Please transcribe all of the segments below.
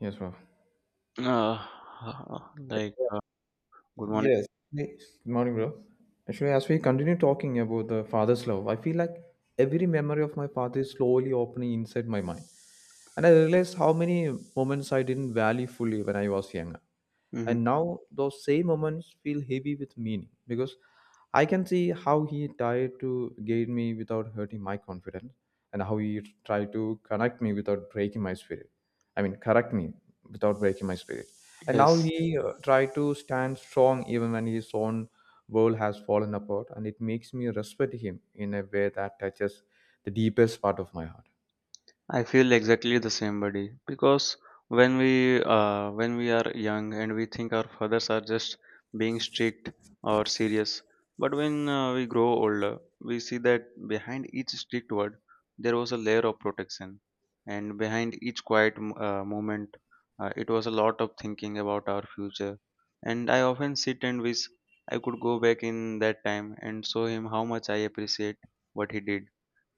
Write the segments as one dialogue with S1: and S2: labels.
S1: Yes, bro.
S2: Uh, uh, like, uh, Good morning.
S1: Yes. Hey, good morning, bro. Actually, as we continue talking about the father's love, I feel like every memory of my father is slowly opening inside my mind. And I realized how many moments I didn't value fully when I was younger. And
S2: hmm
S1: now those same moments feel heavy with meaning because I can see how he tried to guide me without hurting my confidence and how he tried to connect me without breaking my spirit. I mean, correct me without breaking my spirit. And now
S2: Yes.
S1: he tried to stand strong even when his own world has fallen apart. And it makes me respect him in a way that touches the deepest part of my heart.
S2: I feel exactly the same, buddy. Because when we are young and we think our fathers are just being strict or serious, but when we grow older, we see that behind each strict word there was a layer of protection, and behind each quiet moment, it was a lot of thinking about our future. And I often sit and wish I could go back in that time and show him how much I appreciate what he did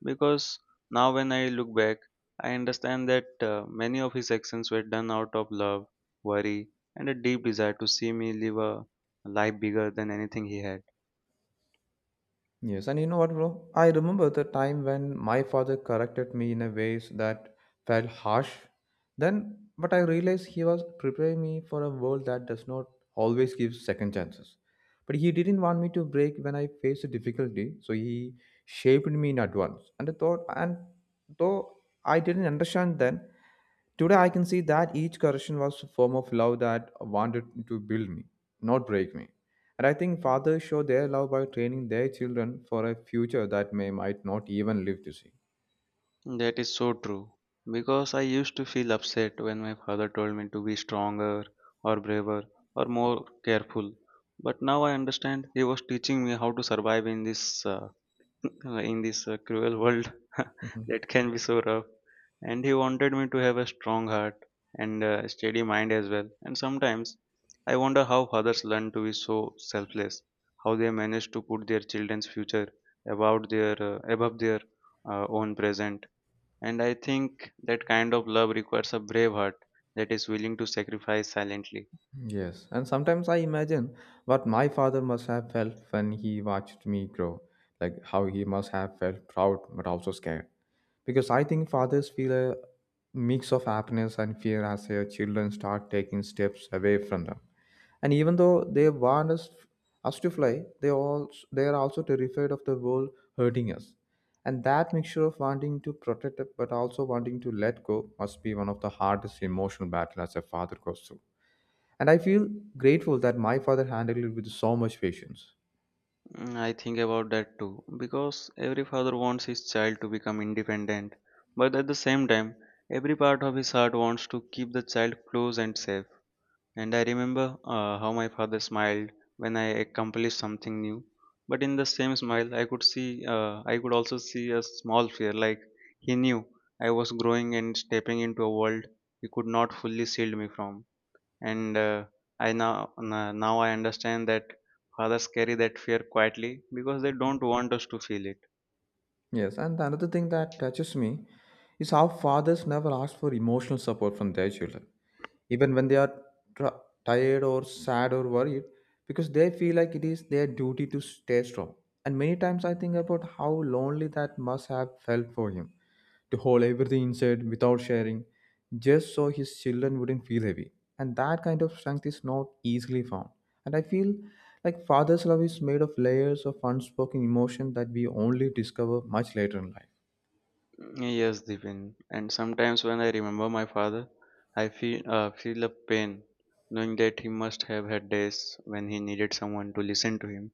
S2: because now, when I look back, I understand that many of his actions were done out of love, worry, and a deep desire to see me live a life bigger than anything he had.
S1: Yes, and you know what, bro? I remember the time when my father corrected me in a ways that felt harsh. Then, but I realized he was preparing me for a world that does not always give second chances. But he didn't want me to break when I faced a difficulty, so he shaped me in advance. And I thought, and though I didn't understand then, today I can see that each correction was a form of love that wanted to build me, not break me. And I think fathers show their love by training their children for a future that may might not even live to see.
S2: That is so true. Because I used to feel upset when my father told me to be stronger, or braver, or more careful. But now I understand he was teaching me how to survive in this in this cruel world
S1: Mhm.
S2: that can be so rough. And he wanted me to have a strong heart and a steady mind as well. And sometimes I wonder how fathers learn to be so selfless, how they manage to put their children's future about their above their own present. And I think that kind of love requires a brave heart that is willing to sacrifice silently.
S1: Yes, and sometimes I imagine what my father must have felt when he watched me grow, like how he must have felt proud but also scared. Because I think fathers feel a mix of happiness and fear as their children start taking steps away from them. And even though they want us, us to fly, they also they are also terrified of the world hurting us. And that mixture of wanting to protect it, but also wanting to let go must be one of the hardest emotional battles a father goes through. And I feel grateful that my father handled it with so much patience.
S2: Mm, I think about that too, because every father wants his child to become independent, but at the same time, every part of his heart wants to keep the child close and safe. And I remember how my father smiled when I accomplished something new, but in the same smile, I could also see a small fear, like he knew I was growing and stepping into a world he could not fully shield me from and I now now I understand that fathers carry that fear quietly because they don't want us to feel it.
S1: Yes, and another thing that touches me is how fathers never ask for emotional support from their children, even when they are tra- tired or sad or worried, because they feel like it is their duty to stay strong. And many times I think about how lonely that must have felt for him, to hold everything inside without sharing, just so his children wouldn't feel heavy. And that kind of strength is not easily found, and I feel like father's love is made of layers of unspoken emotion that we only discover much later in life.
S2: Yes, Divin. And sometimes when I remember my father, I feel a pain, knowing that he must have had days when he needed someone to listen to him,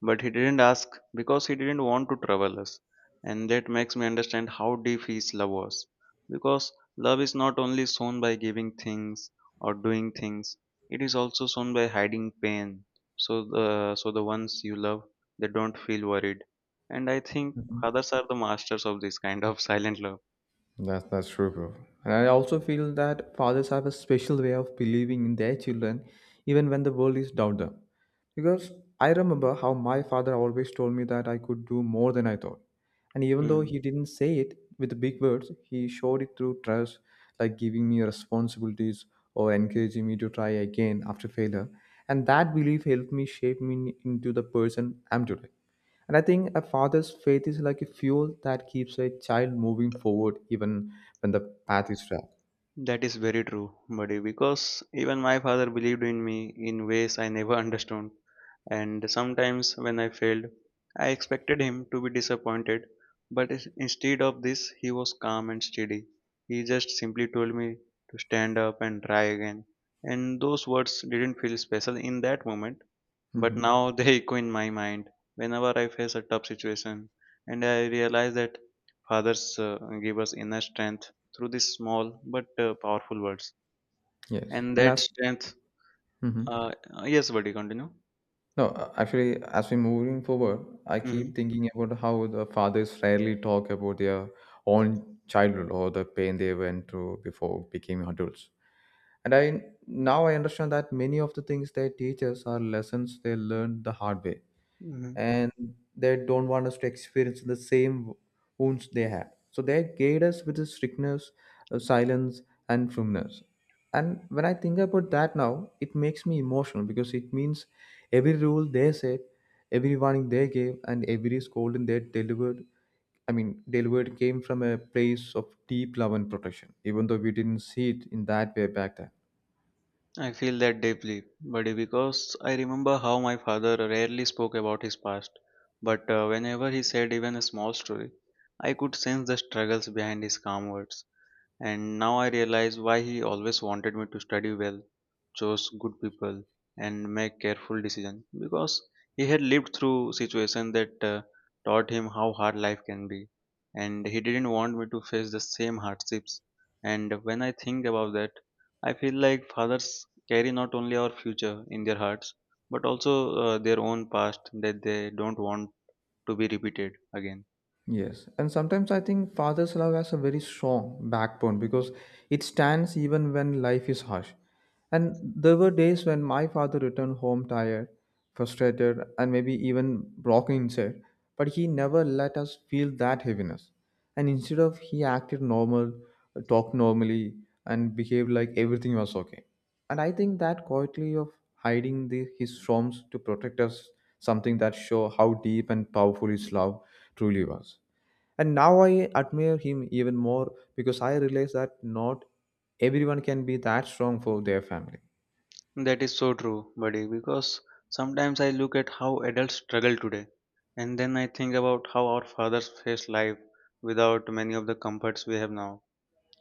S2: but he didn't ask because he didn't want to trouble us, and that makes me understand how deep his love was. Because love is not only shown by giving things or doing things; it is also shown by hiding pain, so the ones you love they don't feel worried, and I think
S1: Mhm.
S2: fathers are the masters of this kind of silent love.
S1: That's true, bro. And I also feel that fathers have a special way of believing in their children, even when the world is doubt them. Because I remember how my father always told me that I could do more than I thought. And even though
S2: Hmm.
S1: he didn't say it with big words, he showed it through trust, like giving me responsibilities or encouraging me to try again after failure. And that belief helped me shape me into the person I'm today. And I think a father's faith is like a fuel that keeps a child moving forward even when the path is rough.
S2: That is very true, buddy, because even my father believed in me in ways I never understood. And sometimes when I failed, I expected him to be disappointed, but instead of this, he was calm and steady. He just simply told me to stand up and try again. And those words didn't feel special in that moment, but
S1: Hmm.
S2: now they echo in my mind whenever I face a tough situation. And I realize that fathers give us inner strength through these small but powerful words.
S1: Yes.
S2: And
S1: And
S2: that
S1: as
S2: strength,
S1: hmm
S2: yes, buddy, continue.
S1: no, actually, as we're moving forward, I keep
S2: hmm
S1: thinking about how the fathers rarely talk about their own childhood or the pain they went through before becoming adults. And I now I understand that many of the things they teach us are lessons they learned the hard way
S2: hmm
S1: and they don't want us to experience the same wounds they had. So they guide us with the strictness, silence, and firmness. And when I think about that now, it makes me emotional because it means every rule they said, every warning they gave, and every scolding they delivered I mean, delivered came from a place of deep love and protection, even though we didn't see it in that way back then.
S2: I feel that deeply, buddy, because I remember how my father rarely spoke about his past, but whenever he said even a small story, I could sense the struggles behind his calm words. And now I realize why he always wanted me to study well, chose good people, and make careful decisions because he had lived through situations that taught him how hard life can be, and he didn't want me to face the same hardships. And when I think about that, I feel like fathers carry not only our future in their hearts, but also their own past that they don't want to be repeated again.
S1: Yes, and sometimes I think father's love has a very strong backbone because it stands even when life is harsh. And there were days when my father returned home tired, frustrated, and maybe even broken inside, but he never let us feel that heaviness. And instead of he acted normal, talked normally, and behaved like everything was okay. And I think that quietly of hiding the, his storms to protect us, something that show how deep and powerful his love truly was. And now I admire him even more because I realize that not everyone can be that strong for their family.
S2: That is so true, buddy, because sometimes I look at how adults struggle today, and then I think about how our fathers faced life without many of the comforts we have now.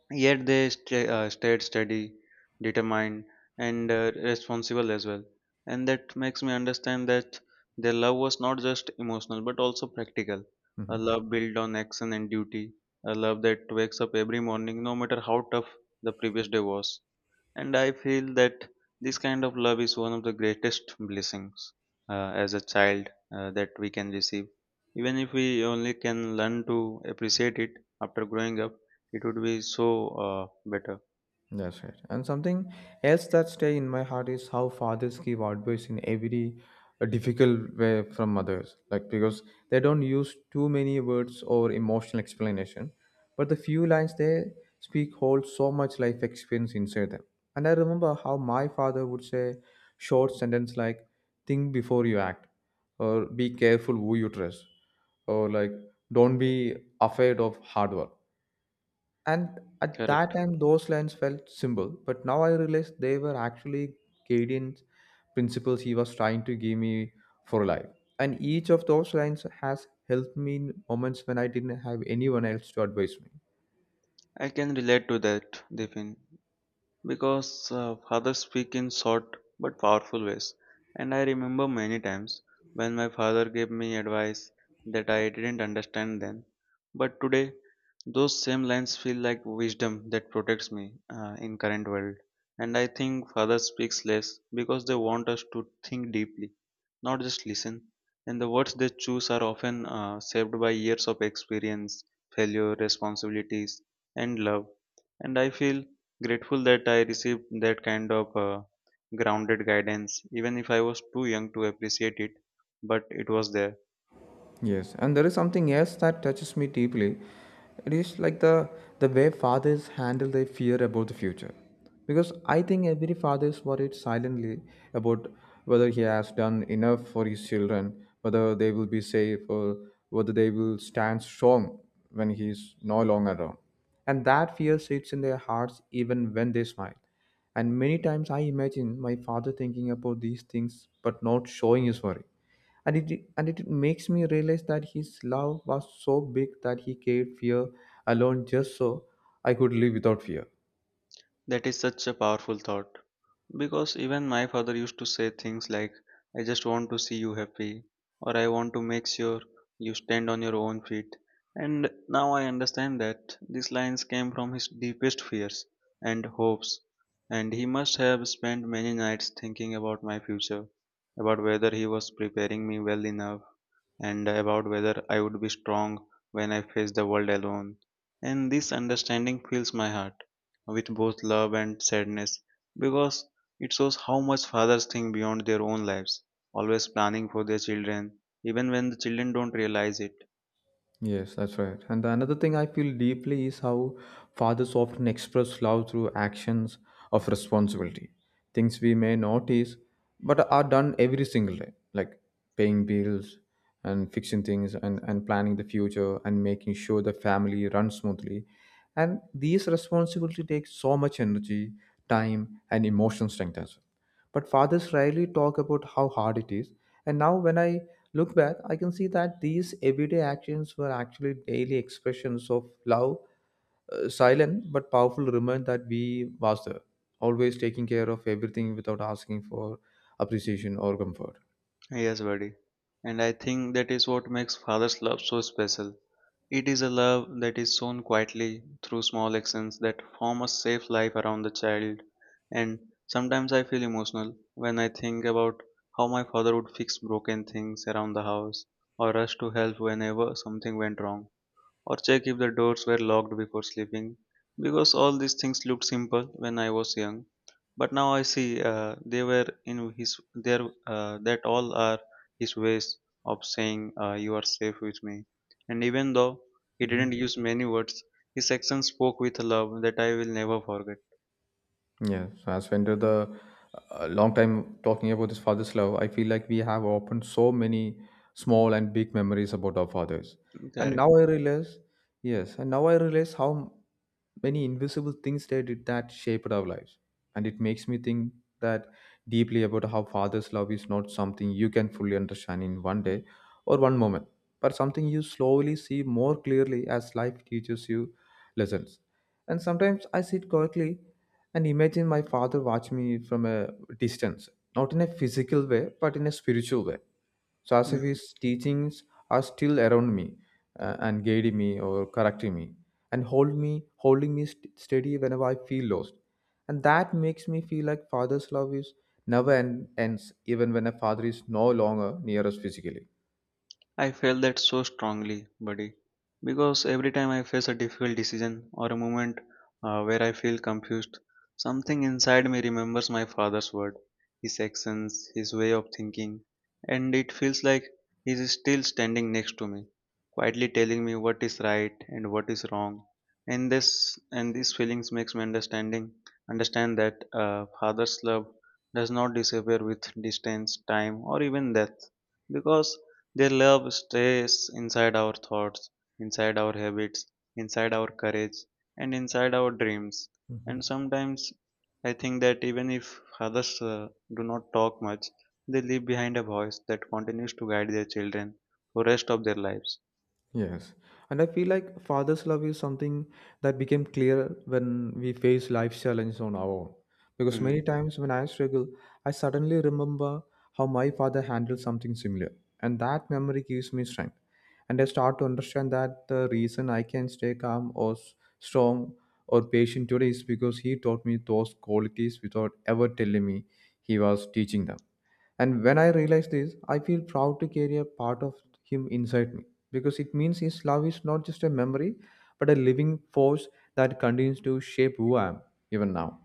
S2: Yet they stayed steady, determined, and responsible as well. And that makes me understand that their love was not just emotional but also practical. A
S1: Mhm.
S2: love built on action and duty, a love that wakes up every morning no matter how tough the previous day was. And I feel that this kind of love is one of the greatest blessings as a child that we can receive, even if we only can learn to appreciate it after growing up, it would be so better.
S1: That's right. And something else that stay in my heart is how fathers give advice in every difficult way from mothers. Like because they don't use too many words or emotional explanation, but the few lines they speak hold so much life experience inside them. And I remember how my father would say short sentence like "Think before you act," or "Be careful who you trust," or like "Don't be afraid of hard work." And at that
S2: Correct.
S1: time, those lines felt simple, but now I realize they were actually guidance principles he was trying to give me for life. And each of those lines has helped me in moments when I didn't have anyone else to advise me.
S2: I can relate to that, Devin. Because fathers speak in short but powerful ways. And I remember many times when my father gave me advice that I didn't understand then. But today, those same lines feel like wisdom that protects me in current world. And I think fathers speaks less because they want us to think deeply, not just listen. And the words they choose are often shaped by years of experience, failure, responsibilities, and love. And I feel grateful that I received that kind of grounded guidance, even if I was too young to appreciate it, but it was there.
S1: Yes, and there is something else that touches me deeply. It is like the way fathers handle their fear about the future. Because I think every father is worried silently about whether he has done enough for his children, whether they will be safe or whether they will stand strong when he is no longer around. And that fear sits in their hearts even when they smile. And many times I imagine my father thinking about these things but not showing his worry, and it makes me realize that his love was so big that he gave fear alone just so I could live without fear.
S2: That is such a powerful thought because even my father used to say things like, "I just want to see you happy," or "I want to make sure you stand on your own feet." And now I understand that these lines came from his deepest fears and hopes, and he must have spent many nights thinking about my future, about whether he was preparing me well enough and about whether I would be strong when I face the world alone. And this understanding fills my heart with both love and sadness because it shows how much fathers think beyond their own lives, always planning for their children, even when the children don't realize it.
S1: Yes, that's right. And the another thing I feel deeply is how fathers often express love through actions of responsibility, things we may notice but are done every single day, like paying bills and fixing things and planning the future and making sure the family runs smoothly. And these responsibility takes so much energy, time, and emotional strength as well, but fathers rarely talk about how hard it is. And now, when I look back, I can see that these everyday actions were actually daily expressions of love, silent but powerful reminder that we was there, always taking care of everything without asking for appreciation or comfort.
S2: Yes, buddy. And I think that is what makes father's love so special. It is a love that is shown quietly through small actions that form a safe life around the child. And sometimes I feel emotional when I think about how my father would fix broken things around the house, or rush to help whenever something went wrong, or check if the doors were locked before sleeping, because all these things looked simple when I was young. But now I see they were in his there that all are his ways of saying, you are safe with me. And even though he
S1: Mhm.
S2: didn't use many words, his actions spoke with a love that I will never forget.
S1: Yeah, so as we enter the long time talking about this father's love, I feel like we have opened so many small and big memories about our fathers. And
S2: Correct.
S1: now I realize, yes, and now I realize how many invisible things they did that shaped our lives. And it makes me think that deeply about how father's love is not something you can fully understand in one day or one moment, but something you slowly see more clearly as life teaches you lessons. And sometimes I sit quietly and imagine my father watch me from a distance, not in a physical way, but in a spiritual way. So as if his teachings are still around me and guiding me or correcting me and hold me, holding me steady whenever I feel lost. And that makes me feel like father's love is never end, ends, even when a father is no longer near us physically.
S2: I felt that so strongly, buddy, because every time I face a difficult decision or a moment where I feel confused, something inside me remembers my father's word, his actions, his way of thinking, and it feels like he is still standing next to me, quietly telling me what is right and what is wrong. And this and these feelings makes me understand that father's love does not disappear with distance, time, or even death because their love stays inside our thoughts, inside our habits, inside our courage, and inside our dreams.
S1: Mhm.
S2: And sometimes I think that even if others do not talk much, they leave behind a voice that continues to guide their children for rest of their lives.
S1: Yes. And I feel like father's love is something that became clear when we face life challenges on our own. Because
S2: Mm.
S1: many times when I struggle, I suddenly remember how my father handled something similar. And that memory gives me strength. And I start to understand that the reason I can stay calm or strong or patient today is because he taught me those qualities without ever telling me he was teaching them. And when I realize this, I feel proud to carry a part of him inside me because it means his love is not just a memory but a living force that continues to shape who I am even now.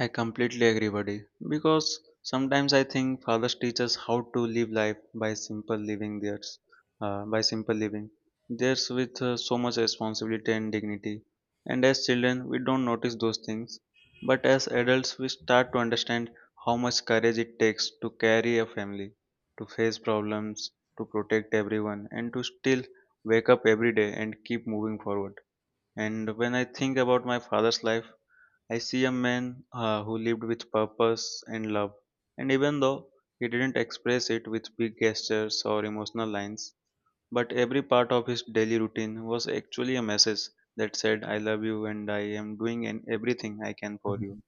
S2: I completely agree, buddy. Because sometimes I think fathers teach us how to live life by simple living. Theirs, uh, by simple living. With so much responsibility and dignity. And as children, we don't notice those things. But as adults, we start to understand how much courage it takes to carry a family, to face problems, to protect everyone, and to still wake up every day and keep moving forward. And when I think about my father's life, I see a man who lived with purpose and love, and even though he didn't express it with big gestures or emotional lines, but every part of his daily routine was actually a message that said, I love you and I am doing everything I can for you.
S1: Mhm.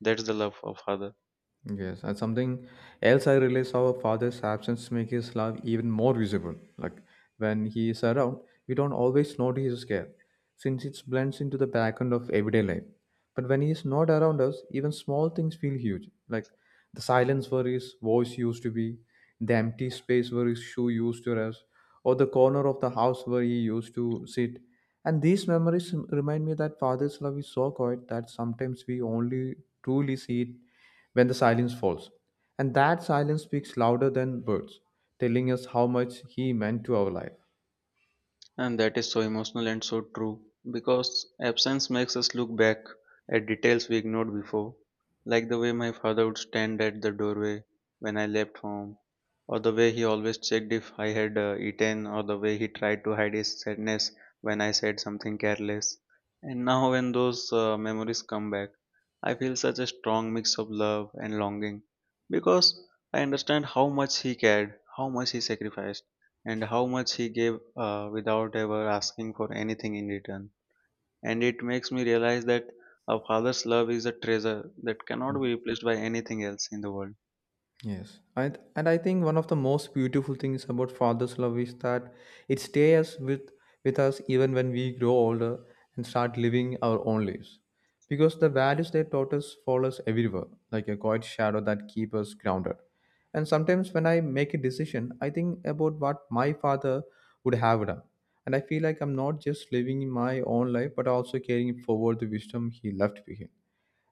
S2: That's the love of Father.
S1: Yes, and something else I realized our father's absence make his love even more visible. Like when he is around, we don't always notice his care, since it blends into the background of everyday life. But when he is not around us, even small things feel huge. Like the silence where his voice used to be, the empty space where his shoe used to rest, or the corner of the house where he used to sit. And these memories remind me that father's love is so quiet that sometimes we only truly see it when the silence falls. And that silence speaks louder than words, telling us how much he meant to our life.
S2: And that is so emotional and so true because absence makes us look back at details we ignored before, like the way my father would stand at the doorway when I left home, or the way he always checked if I had eaten, or the way he tried to hide his sadness when I said something careless. And now, when those memories come back, I feel such a strong mix of love and longing because I understand how much he cared, how much he sacrificed, and how much he gave without ever asking for anything in return. And it makes me realize that a father's love is a treasure that cannot be replaced by anything else in the world.
S1: Yes, and I think one of the most beautiful things about father's love is that it stays with us even when we grow older and start living our own lives, because the values they taught us follow us everywhere, like a quiet shadow that keeps us grounded. And sometimes when I make a decision, I think about what my father would have done, and I feel like I'm not just living my own life, but also carrying forward the wisdom he left behind.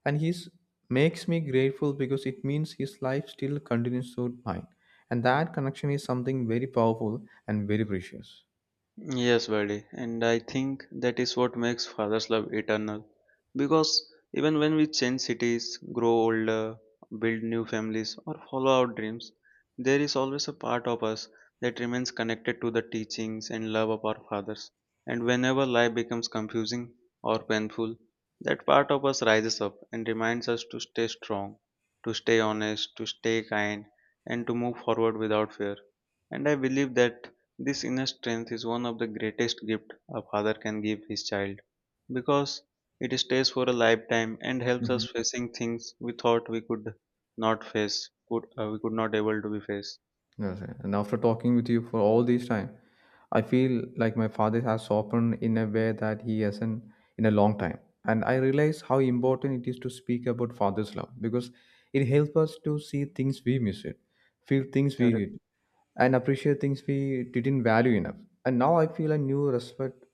S1: And he's makes me grateful because it means his life still continues through mine, and that connection is something very powerful and very precious.
S2: Yes, buddy, and I think that is what makes father's love eternal. Because even when we change cities, grow older, build new families, or follow our dreams, there is always a part of us that remains connected to the teachings and love of our fathers. And whenever life becomes confusing or painful, that part of us rises up and reminds us to stay strong, to stay honest, to stay kind, and to move forward without fear. And I believe that this inner strength is one of the greatest gifts a father can give his child because it stays for a lifetime and helps
S1: Mhm.
S2: us facing things we thought we could not able to be face.
S1: Yes, sir. And after talking with you for all this time, I feel like my father has softened in a way that he hasn't in a long time. And I realize how important it is to speak about father's love because it helps us to see things we miss it, feel things we
S2: Correct.
S1: hid, and appreciate things we didn't value enough. And now I feel a new respect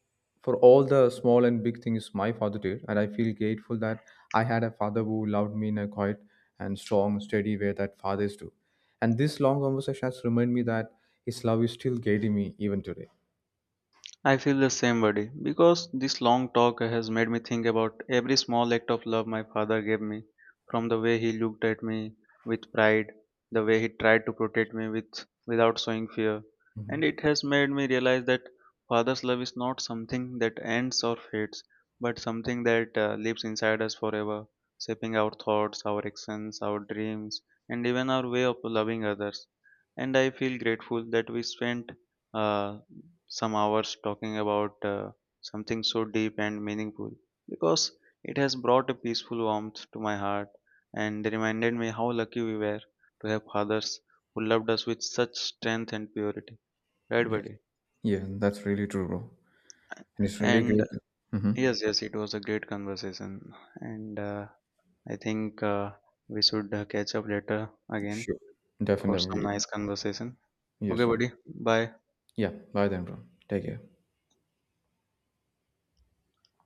S1: for all the small and big things my father did. And I feel grateful that I had a father who loved me in a quiet and strong, steady way that fathers do. And this long conversation has reminded me that his love is still guiding me even today.
S2: I feel the same, buddy, because this long talk has made me think about every small act of love my father gave me, from the way he looked at me with pride, the way he tried to protect me with without showing fear, and it has made me realize that father's love is not something that ends or fades, but something that lives inside us forever, shaping our thoughts, our actions, our dreams, and even our way of loving others. And I feel grateful that we spent uh, some hours talking about something so deep and meaningful because it has brought a peaceful warmth to my heart and reminded me how lucky we were to have fathers who loved us with such strength and purity. Right,
S1: Yeah,
S2: buddy?
S1: yeah, that's really true, bro. And it's really
S2: And uh,
S1: great. Mm-hmm.
S2: yes, yes, it was a great conversation. And I think we should catch up later again
S1: Sure,
S2: for some
S1: definitely.
S2: nice conversation.
S1: Yes,
S2: Okay,
S1: bro.
S2: buddy. Bye.
S1: Yeah, bye then, bro. Take care.